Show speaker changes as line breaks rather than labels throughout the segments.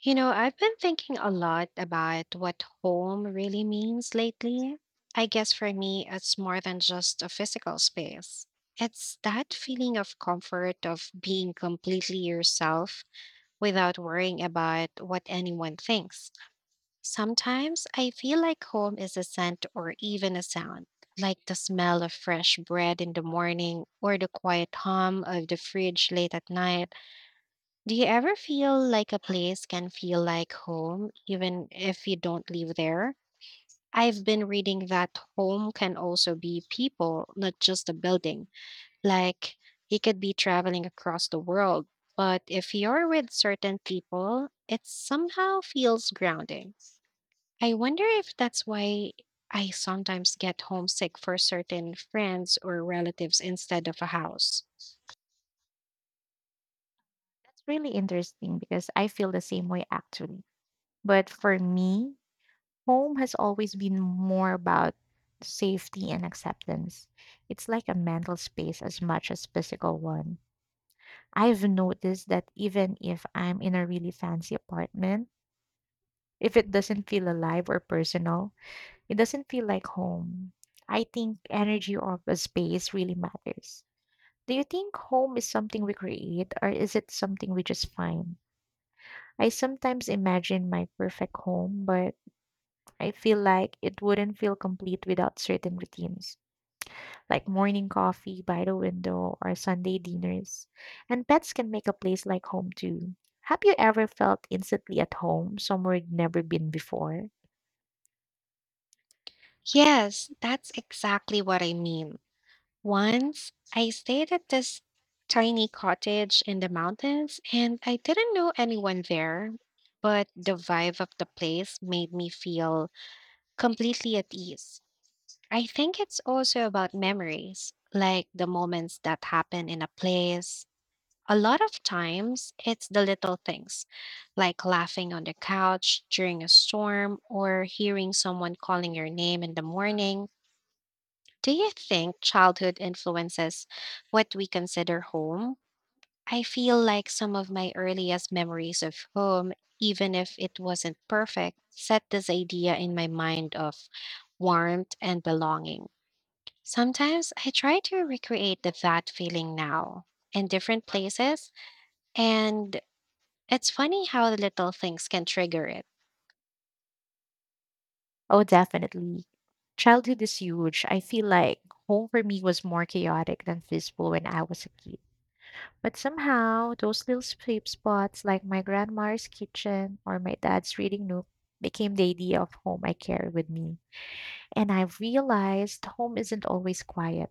You know, I've been thinking a lot about what home really means lately. I guess for me, it's more than just a physical space. It's that feeling of comfort of being completely yourself without worrying about what anyone thinks. Sometimes I feel like home is a scent or even a sound, like the smell of fresh bread in the morning or the quiet hum of the fridge late at night. Do you ever feel like a place can feel like home, even if you don't live there? I've been reading that home can also be people, not just a building. Like, you could be traveling across the world, but if you're with certain people, it somehow feels grounding. I wonder if that's why I sometimes get homesick for certain friends or relatives instead of a house.
That's really interesting because I feel the same way actually. But for me, home has always been more about safety and acceptance. It's like a mental space as much as physical one. I've noticed that even if I'm in a really fancy apartment, if it doesn't feel alive or personal, it doesn't feel like home. I think energy of a space really matters. Do you think home is something we create or is it something we just find? I sometimes imagine my perfect home, but I feel like it wouldn't feel complete without certain routines, like morning coffee by the window or Sunday dinners. And pets can make a place like home too. Have you ever felt instantly at home somewhere you'd never been before?
Yes, that's exactly what I mean. Once I stayed at this tiny cottage in the mountains and I didn't know anyone there, but the vibe of the place made me feel completely at ease. I think it's also about memories, like the moments that happen in a place. A lot of times, it's the little things, like laughing on the couch during a storm or hearing someone calling your name in the morning. Do you think childhood influences what we consider home? I feel like some of my earliest memories of home, even if it wasn't perfect, set this idea in my mind of warmth and belonging. Sometimes I try to recreate that feeling now in different places, and it's funny how little things can trigger it.
Oh, definitely. Childhood is huge. I feel like home for me was more chaotic than peaceful when I was a kid. But somehow, those little sleep spots like my grandma's kitchen or my dad's reading nook became the idea of home I carry with me. And I've realized home isn't always quiet.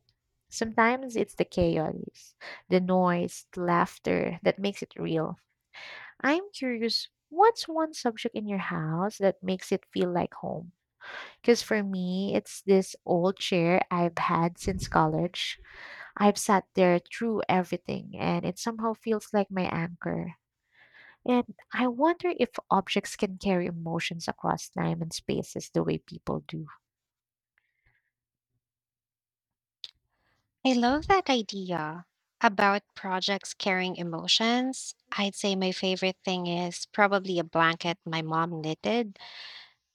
Sometimes it's the chaos, the noise, the laughter that makes it real. I'm curious, what's one subject in your house that makes it feel like home? Because for me, it's this old chair I've had since college. I've sat there through everything, and it somehow feels like my anchor. And I wonder if objects can carry emotions across time and spaces the way people do.
I love that idea about projects carrying emotions. I'd say my favorite thing is probably a blanket my mom knitted.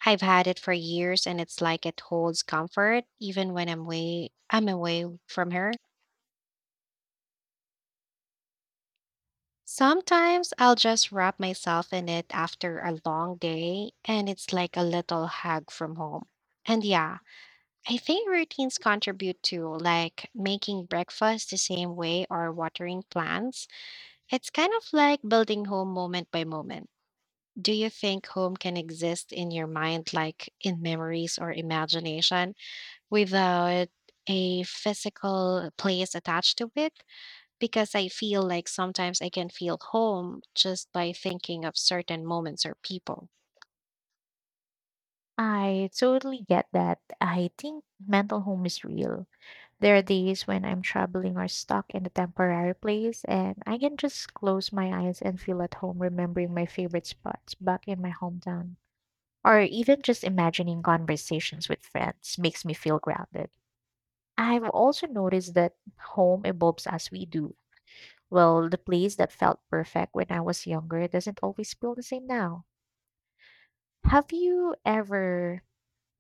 I've had it for years and it's like it holds comfort even when I'm away from her. Sometimes I'll just wrap myself in it after a long day and it's like a little hug from home. And yeah, I think routines contribute to like making breakfast the same way or watering plants. It's kind of like building home moment by moment. Do you think home can exist in your mind, like in memories or imagination, without a physical place attached to it? Because I feel like sometimes I can feel home just by thinking of certain moments or people.
I totally get that. I think mental home is real. There are days when I'm traveling or stuck in a temporary place, and I can just close my eyes and feel at home remembering my favorite spots back in my hometown. Or even just imagining conversations with friends makes me feel grounded. I've also noticed that home evolves as we do. Well, the place that felt perfect when I was younger doesn't always feel the same now. Have you ever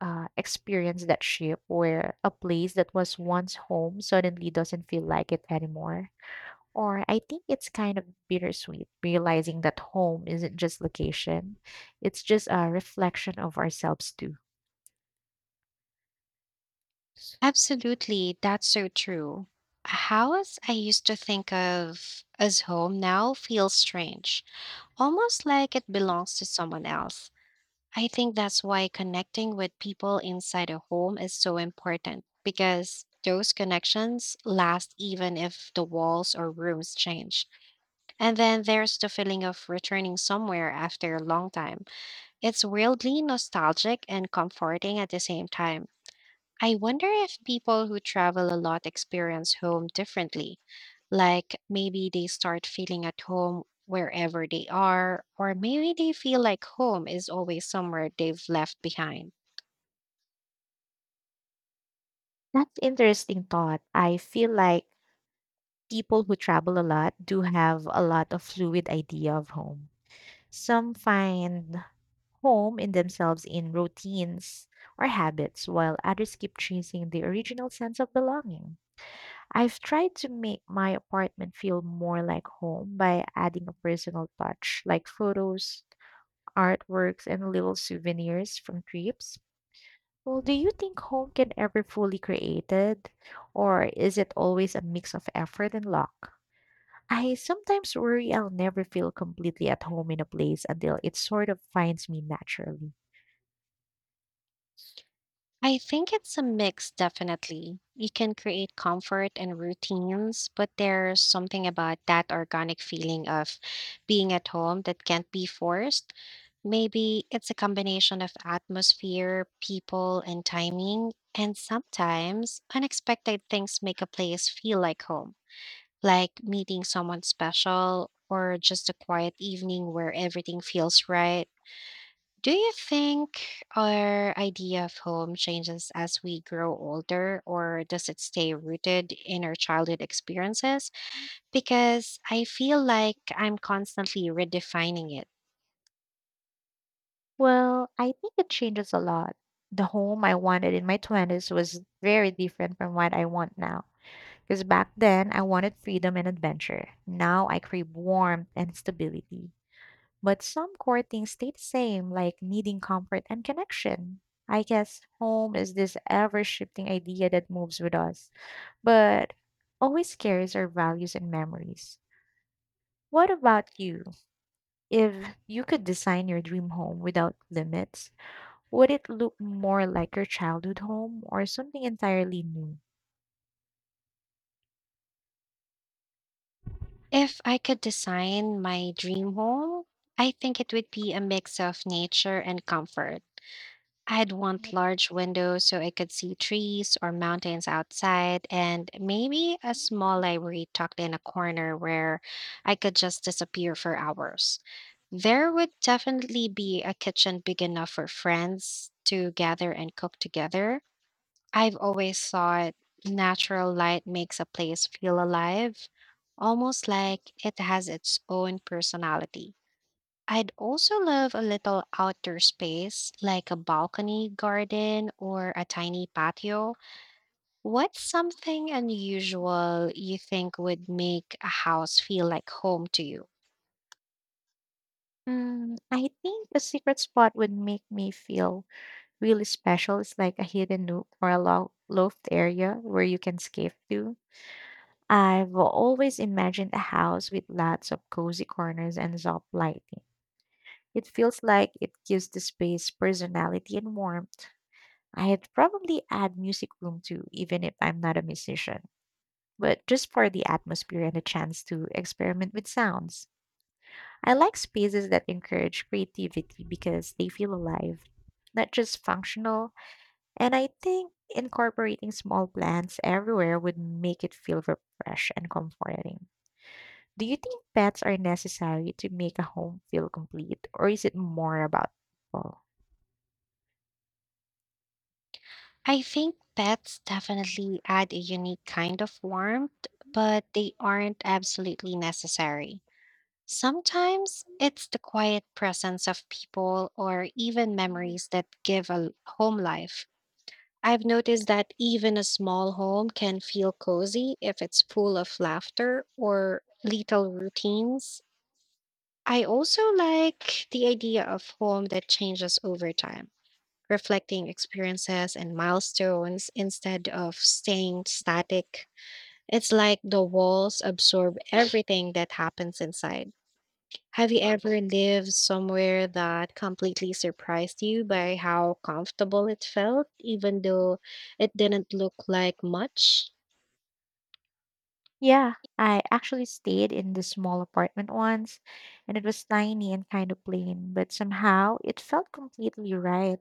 experienced that shift where a place that was once home suddenly doesn't feel like it anymore? Or I think it's kind of bittersweet realizing that home isn't just location, it's just a reflection of ourselves too.
Absolutely, that's so true. A house I used to think of as home now feels strange, almost like it belongs to someone else. I think that's why connecting with people inside a home is so important because those connections last even if the walls or rooms change. And then there's the feeling of returning somewhere after a long time. It's weirdly nostalgic and comforting at the same time. I wonder if people who travel a lot experience home differently. Like maybe they start feeling at home wherever they are, or maybe they feel like home is always somewhere they've left behind.
That's interesting thought. I feel like people who travel a lot do have a lot of fluid idea of home. Some find home in themselves in routines or habits, while others keep chasing the original sense of belonging. I've tried to make my apartment feel more like home by adding a personal touch, like photos, artworks, and little souvenirs from trips. Well, do you think home can ever fully created, or is it always a mix of effort and luck? I sometimes worry I'll never feel completely at home in a place until it sort of finds me naturally.
I think it's a mix, definitely. You can create comfort and routines, but there's something about that organic feeling of being at home that can't be forced. Maybe it's a combination of atmosphere, people, and timing. And sometimes unexpected things make a place feel like home, like meeting someone special or just a quiet evening where everything feels right. Do you think our idea of home changes as we grow older, or does it stay rooted in our childhood experiences? Because I feel like I'm constantly redefining it.
Well, I think it changes a lot. The home I wanted in my 20s was very different from what I want now. Because back then, I wanted freedom and adventure. Now I crave warmth and stability. But some core things stay the same, like needing comfort and connection. I guess home is this ever shifting idea that moves with us, but always carries our values and memories. What about you? If you could design your dream home without limits, would it look more like your childhood home or something entirely new?
If I could design my dream home, I think it would be a mix of nature and comfort. I'd want large windows so I could see trees or mountains outside, and maybe a small library tucked in a corner where I could just disappear for hours. There would definitely be a kitchen big enough for friends to gather and cook together. I've always thought natural light makes a place feel alive, almost like it has its own personality. I'd also love a little outdoor space, like a balcony garden or a tiny patio. What's something unusual you think would make a house feel like home to you?
I think a secret spot would make me feel really special. It's like a hidden nook or a loft area where you can escape to. I've always imagined a house with lots of cozy corners and soft lighting. It feels like it gives the space personality and warmth. I'd probably add music room too, even if I'm not a musician, but just for the atmosphere and a chance to experiment with sounds. I like spaces that encourage creativity because they feel alive, not just functional, and I think incorporating small plants everywhere would make it feel fresh and comforting. Do you think pets are necessary to make a home feel complete, or is it more about people?
I think pets definitely add a unique kind of warmth, but they aren't absolutely necessary. Sometimes it's the quiet presence of people or even memories that give a home life. I've noticed that even a small home can feel cozy if it's full of laughter or little routines. I also like the idea of home that changes over time, reflecting experiences and milestones instead of staying static. It's like the walls absorb everything that happens inside. Have you ever lived somewhere that completely surprised you by how comfortable it felt, even though it didn't look like much?
Yeah, I actually stayed in this small apartment once, and it was tiny and kind of plain, but somehow it felt completely right.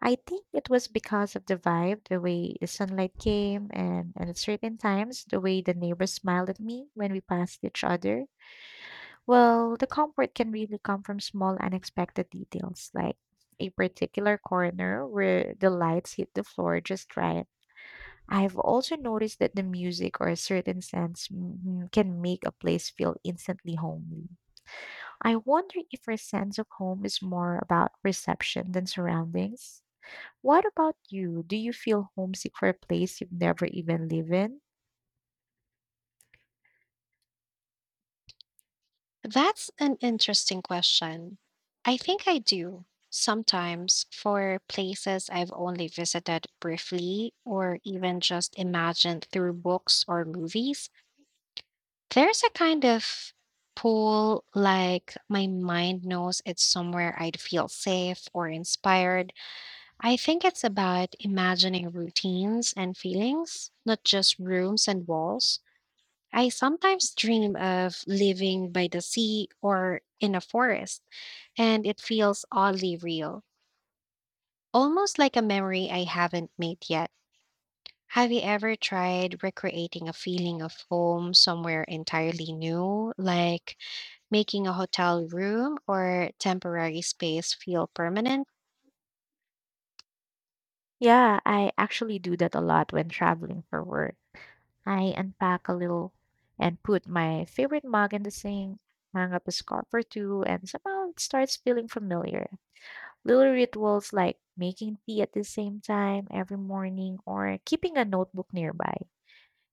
I think it was because of the vibe, the way the sunlight came, and at certain times, the way the neighbors smiled at me when we passed each other. Well, the comfort can really come from small, unexpected details, like a particular corner where the lights hit the floor just right. I've also noticed that the music or a certain sense can make a place feel instantly homely. I wonder if our sense of home is more about reception than surroundings. What about you? Do you feel homesick for a place you've never even lived in?
That's an interesting question. I think I do sometimes, for places I've only visited briefly or even just imagined through books or movies. There's a kind of pull, like my mind knows it's somewhere I'd feel safe or inspired. I think it's about imagining routines and feelings, not just rooms and walls. I sometimes dream of living by the sea or in a forest, and it feels oddly real, almost like a memory I haven't made yet. Have you ever tried recreating a feeling of home somewhere entirely new, like making a hotel room or temporary space feel permanent?
Yeah, I actually do that a lot when traveling for work. I unpack a little and put my favorite mug in the sink, hang up a scarf or two, and somehow it starts feeling familiar. Little rituals like making tea at the same time every morning or keeping a notebook nearby.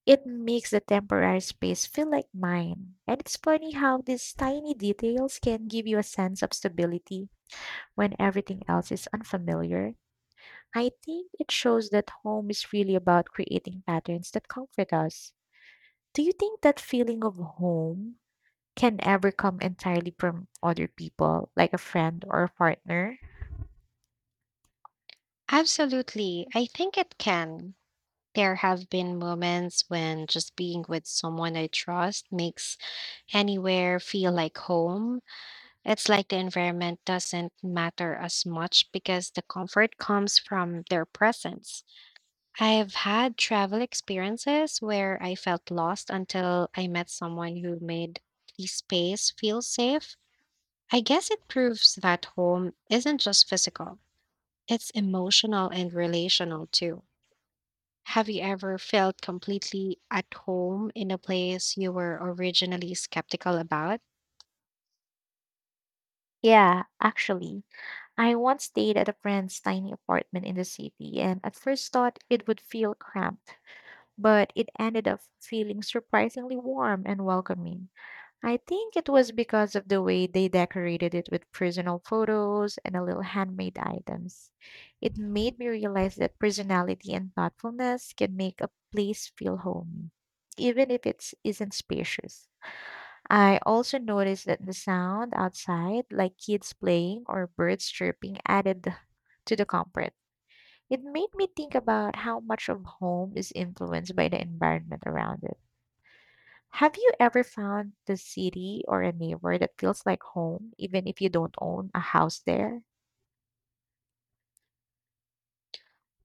It makes the temporary space feel like mine. And it's funny how these tiny details can give you a sense of stability when everything else is unfamiliar. I think it shows that home is really about creating patterns that comfort us. Do you think that feeling of home can ever come entirely from other people, like a friend or a partner?
Absolutely. I think it can. There have been moments when just being with someone I trust makes anywhere feel like home. It's like the environment doesn't matter as much because the comfort comes from their presence. I've had travel experiences where I felt lost until I met someone who made the space feel safe. I guess it proves that home isn't just physical, it's emotional and relational too. Have you ever felt completely at home in a place you were originally skeptical about?
Yeah, actually. I once stayed at a friend's tiny apartment in the city and at first thought it would feel cramped, but it ended up feeling surprisingly warm and welcoming. I think it was because of the way they decorated it with personal photos and a little handmade items. It made me realize that personality and thoughtfulness can make a place feel homey, even if it isn't spacious. I also noticed that the sound outside, like kids playing or birds chirping, added to the comfort. It made me think about how much of home is influenced by the environment around it. Have you ever found the city or a neighbor that feels like home, even if you don't own a house there?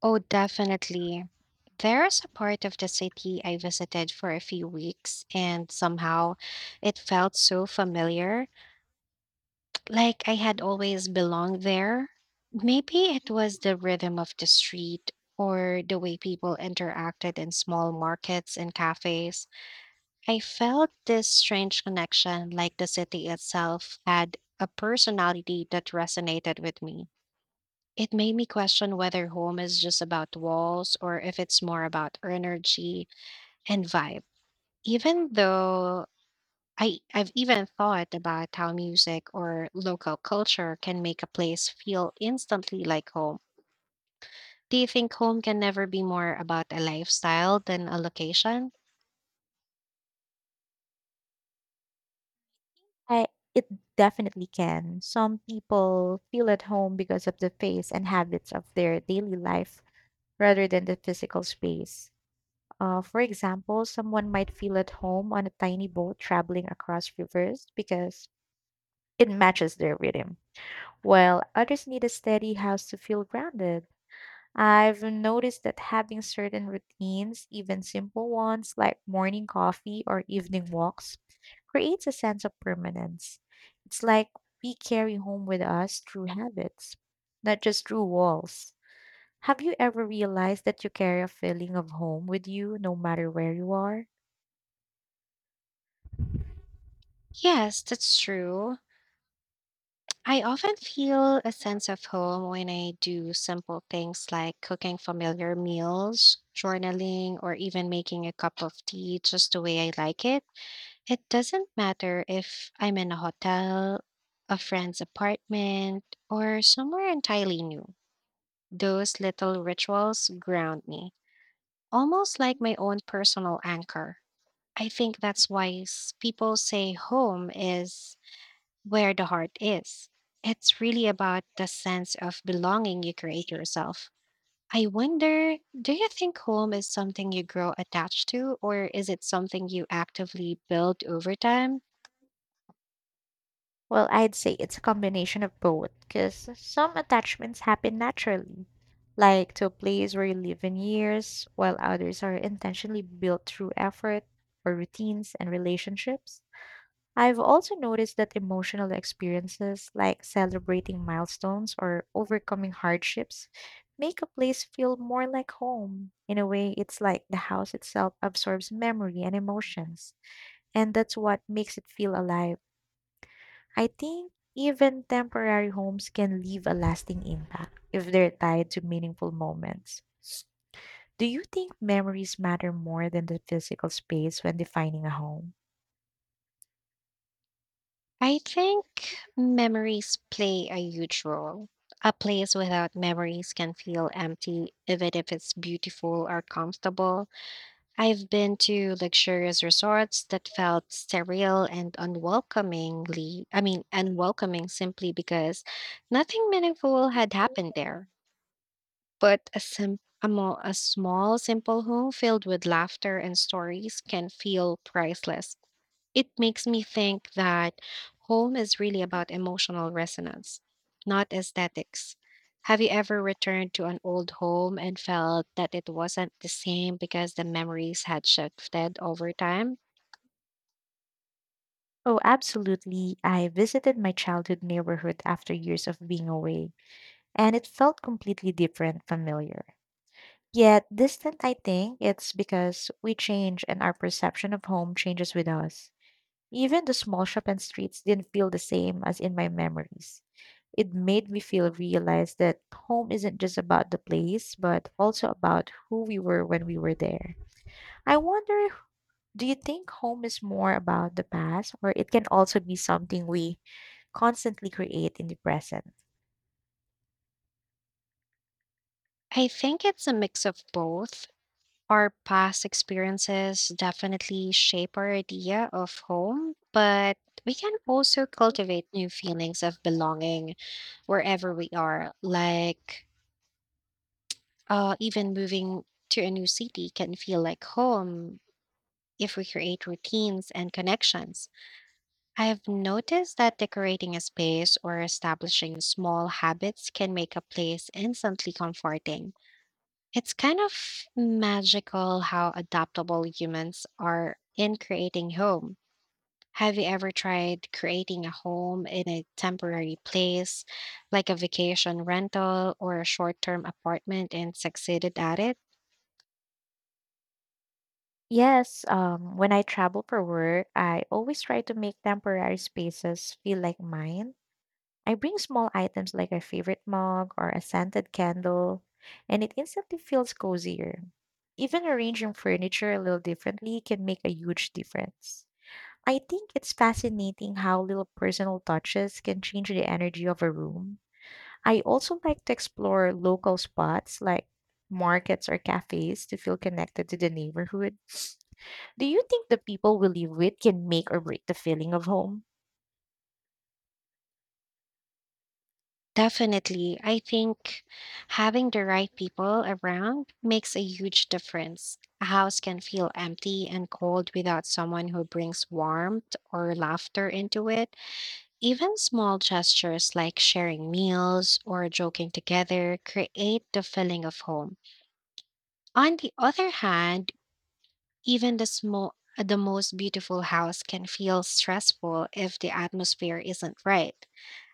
Oh, definitely. There's a part of the city I visited for a few weeks, and somehow it felt so familiar, like I had always belonged there. Maybe it was the rhythm of the street or the way people interacted in small markets and cafes. I felt this strange connection, like the city itself had a personality that resonated with me. It made me question whether home is just about walls or if it's more about energy and vibe. Even though I've even thought about how music or local culture can make a place feel instantly like home. Do you think home can never be more about a lifestyle than a location?
I it definitely can. Some people feel at home because of the face and habits of their daily life rather than the physical space. For example, someone might feel at home on a tiny boat traveling across rivers because it matches their rhythm, while others need a steady house to feel grounded. I've noticed that having certain routines, even simple ones like morning coffee or evening walks, creates a sense of permanence. It's like we carry home with us through habits, not just through walls. Have you ever realized that you carry a feeling of home with you no matter where you are?
Yes, that's true. I often feel a sense of home when I do simple things like cooking familiar meals, journaling, or even making a cup of tea just the way I like it. It doesn't matter if I'm in a hotel, a friend's apartment, or somewhere entirely new. Those little rituals ground me, almost like my own personal anchor. I think that's why people say home is where the heart is. It's really about the sense of belonging you create yourself. I wonder, do you think home is something you grow attached to, or is it something you actively build over time?
Well, I'd say it's a combination of both, because some attachments happen naturally, like to a place where you live in years, while others are intentionally built through effort or routines and relationships. I've also noticed that emotional experiences like celebrating milestones or overcoming hardships make a place feel more like home. In a way, it's like the house itself absorbs memory and emotions, and that's what makes it feel alive. I think even temporary homes can leave a lasting impact if they're tied to meaningful moments. Do you think memories matter more than the physical space when defining a home?
I think memories play a huge role. A place without memories can feel empty, even if it's beautiful or comfortable. I've been to luxurious resorts that felt sterile and unwelcomingly, I mean, unwelcoming simply because nothing meaningful had happened there. But a small, simple home filled with laughter and stories can feel priceless. It makes me think that home is really about emotional resonance, not aesthetics. Have you ever returned to an old home and felt that it wasn't the same because the memories had shifted over time?
Oh, absolutely. I visited my childhood neighborhood after years of being away, and it felt completely different, familiar. Yet distant, I think it's because we change and our perception of home changes with us. Even the small shop and streets didn't feel the same as in my memories. It made me feel realize that home isn't just about the place, but also about who we were when we were there. I wonder, do you think home is more about the past, or it can also be something we constantly create in the present?
I think it's a mix of both. Our past experiences definitely shape our idea of home, but we can also cultivate new feelings of belonging wherever we are, like even moving to a new city can feel like home if we create routines and connections. I've noticed that decorating a space or establishing small habits can make a place instantly comforting. It's kind of magical how adaptable humans are in creating home. Have you ever tried creating a home in a temporary place, like a vacation rental or a short term apartment, and succeeded at it?
Yes, when I travel for work, I always try to make temporary spaces feel like mine. I bring small items like a favorite mug or a scented candle, and it instantly feels cozier. Even arranging furniture a little differently can make a huge difference. I think it's fascinating how little personal touches can change the energy of a room. I also like to explore local spots like markets or cafes to feel connected to the neighborhood. Do you think the people we live with can make or break the feeling of home?
Definitely. I think having the right people around makes a huge difference. A house can feel empty and cold without someone who brings warmth or laughter into it. Even small gestures like sharing meals or joking together create the feeling of home. On the other hand, even the most beautiful house can feel stressful if the atmosphere isn't right.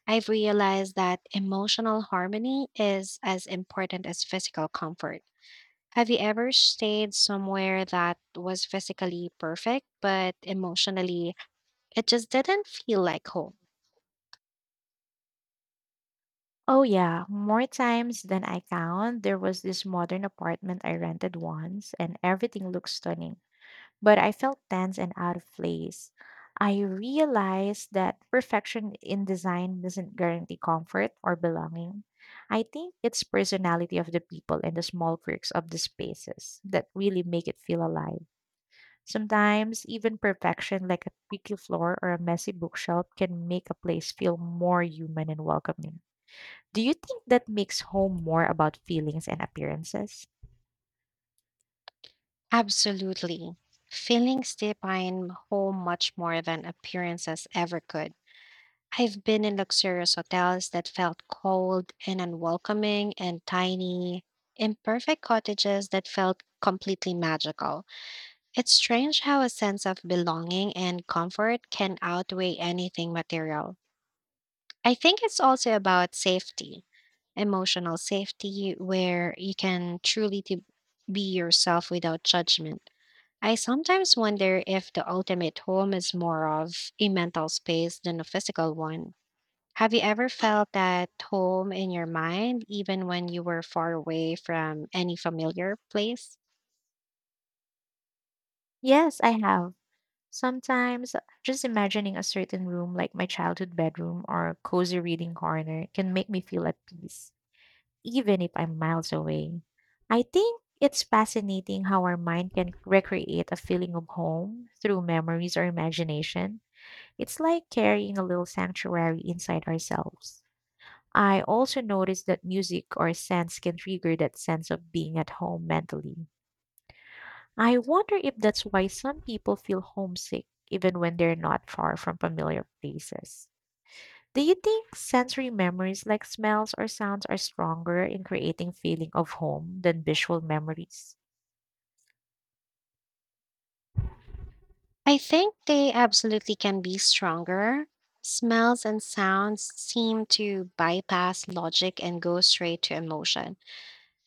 I've realized that emotional harmony is as important as physical comfort. Have you ever stayed somewhere that was physically perfect, but emotionally it just didn't feel like home?
Oh, yeah, more times than I count. There was this modern apartment I rented once, and everything looked stunning, but I felt tense and out of place. I realized that perfection in design doesn't guarantee comfort or belonging. I think it's personality of the people and the small quirks of the spaces that really make it feel alive. Sometimes even perfection like a creaky floor or a messy bookshelf can make a place feel more human and welcoming. Do you think that makes home more about feelings and appearances?
Absolutely. Feelings define home much more than appearances ever could. I've been in luxurious hotels that felt cold and unwelcoming, and tiny, imperfect cottages that felt completely magical. It's strange how a sense of belonging and comfort can outweigh anything material. I think it's also about safety, emotional safety, where you can truly to be yourself without judgment. I sometimes wonder if the ultimate home is more of a mental space than a physical one. Have you ever felt that home in your mind, even when you were far away from any familiar place?
Yes, I have. Sometimes just imagining a certain room like my childhood bedroom or cozy reading corner can make me feel at peace, even if I'm miles away. I think it's fascinating how our mind can recreate a feeling of home through memories or imagination. It's like carrying a little sanctuary inside ourselves. I also noticed that music or scents can trigger that sense of being at home mentally. I wonder if that's why some people feel homesick even when they're not far from familiar places. Do you think sensory memories like smells or sounds are stronger in creating feeling of home than visual memories?
I think they absolutely can be stronger. Smells and sounds seem to bypass logic and go straight to emotion.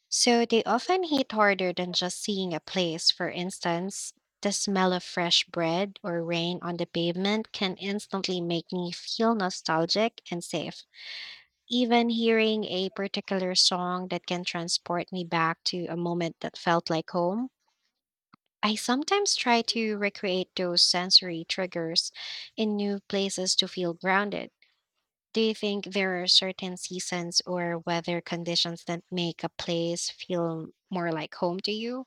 So they often hit harder than just seeing a place. For instance, the smell of fresh bread or rain on the pavement can instantly make me feel nostalgic and safe. Even hearing a particular song that can transport me back to a moment that felt like home. I sometimes try to recreate those sensory triggers in new places to feel grounded. Do you think there are certain seasons or weather conditions that make a place feel more like home to you?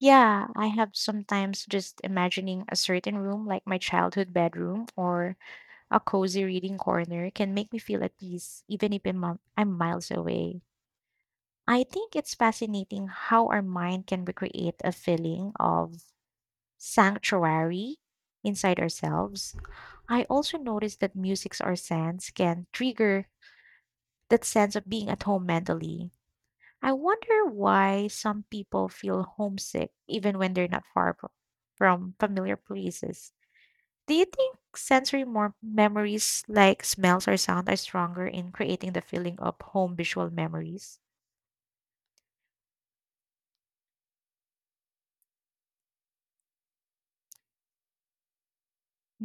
Yeah, I have sometimes just imagining a certain room like my childhood bedroom or a cozy reading corner can make me feel at peace even if I'm miles away. I think it's fascinating how our mind can recreate a feeling of sanctuary inside ourselves. I also noticed that musics or scents can trigger that sense of being at home mentally. I wonder why some people feel homesick even when they're not far fro- from familiar places. Do you think memories like smells or sound are stronger in creating the feeling of home visual memories?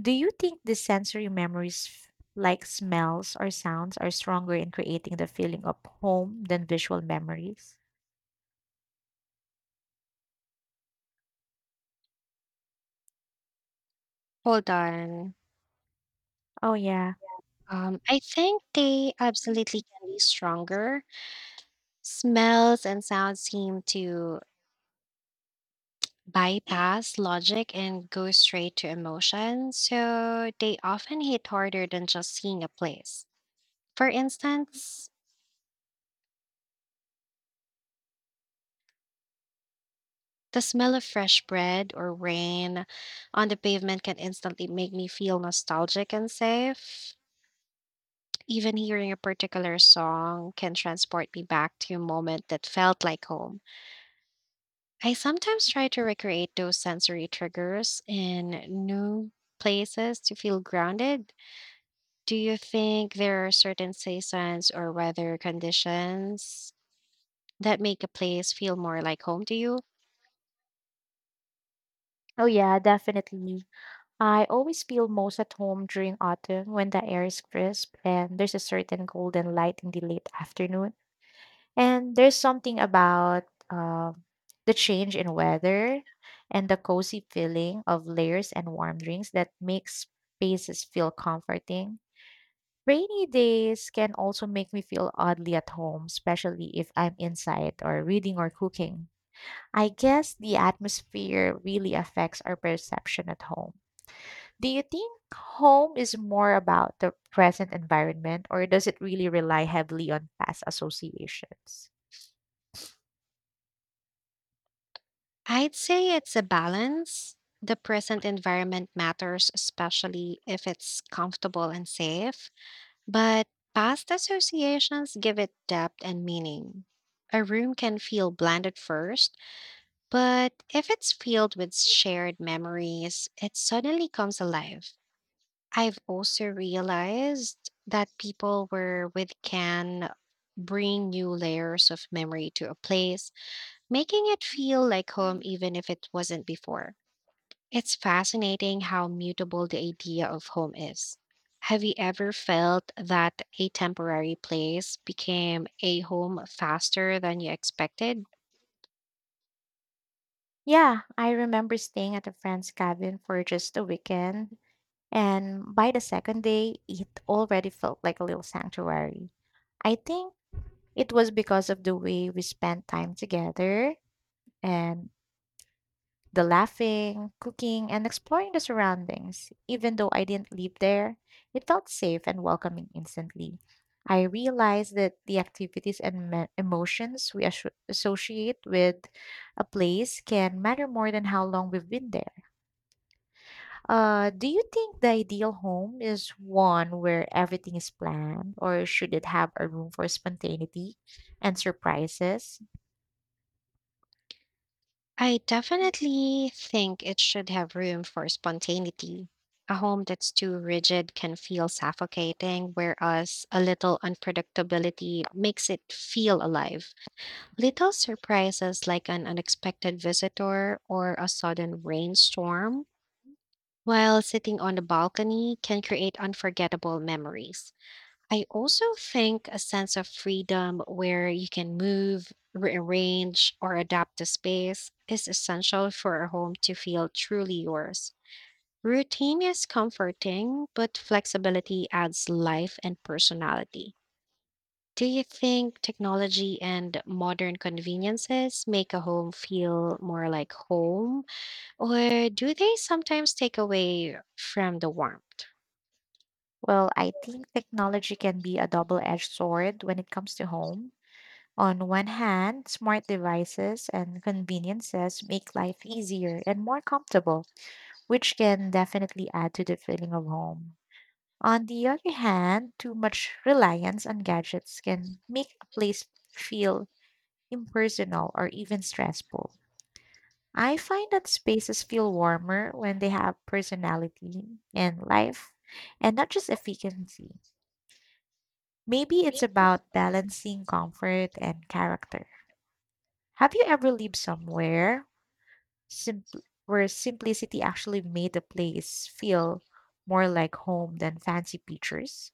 Do you think the sensory memories, like smells or sounds, are stronger in creating the feeling of home than visual memories?
Hold on.
Oh, yeah.
I think they absolutely can be stronger. Smells and sounds seem to bypass logic and go straight to emotion, so they often hit harder than just seeing a place. For instance, the smell of fresh bread or rain on the pavement can instantly make me feel nostalgic and safe. Even hearing a particular song can transport me back to a moment that felt like home. I sometimes try to recreate those sensory triggers in new places to feel grounded. Do you think there are certain seasons or weather conditions that make a place feel more like home to you?
Oh, yeah, definitely. I always feel most at home during autumn when the air is crisp and there's a certain golden light in the late afternoon. And there's something about uh, the change in weather and the cozy feeling of layers and warm drinks that makes spaces feel comforting. Rainy days can also make me feel oddly at home, especially if I'm inside or reading or cooking. I guess the atmosphere really affects our perception at home. Do you think home is more about the present environment, or does it really rely heavily on past associations?
I'd say it's a balance. The present environment matters, especially if it's comfortable and safe, but past associations give it depth and meaning. A room can feel bland at first, but if it's filled with shared memories, it suddenly comes alive. I've also realized that people were with can bring new layers of memory to a place, making it feel like home even if it wasn't before. It's fascinating how mutable the idea of home is. Have you ever felt that a temporary place became a home faster than you expected?
Yeah, I remember staying at a friend's cabin for just a weekend, and by the second day, it already felt like a little sanctuary. I think it was because of the way we spent time together and the laughing, cooking, and exploring the surroundings. Even though I didn't live there, it felt safe and welcoming instantly. I realized that the activities and emotions we associate with a place can matter more than how long we've been there. Do you think the ideal home is one where everything is planned, or should it have a room for spontaneity and surprises?
I definitely think it should have room for spontaneity. A home that's too rigid can feel suffocating, whereas a little unpredictability makes it feel alive. Little surprises like an unexpected visitor or a sudden rainstorm while sitting on the balcony can create unforgettable memories. I also think a sense of freedom where you can move, rearrange, or adapt the space is essential for a home to feel truly yours. Routine is comforting, but flexibility adds life and personality. Do you think technology and modern conveniences make a home feel more like home, or do they sometimes take away from the warmth?
Well, I think technology can be a double edged sword when it comes to home. On one hand, smart devices and conveniences make life easier and more comfortable, which can definitely add to the feeling of home. On the other hand, too much reliance on gadgets can make a place feel impersonal or even stressful. I find that spaces feel warmer when they have personality and life and not just efficiency. Maybe it's about balancing comfort and character. Have you ever lived somewhere where simplicity actually made the place feel more like home than fancy pictures?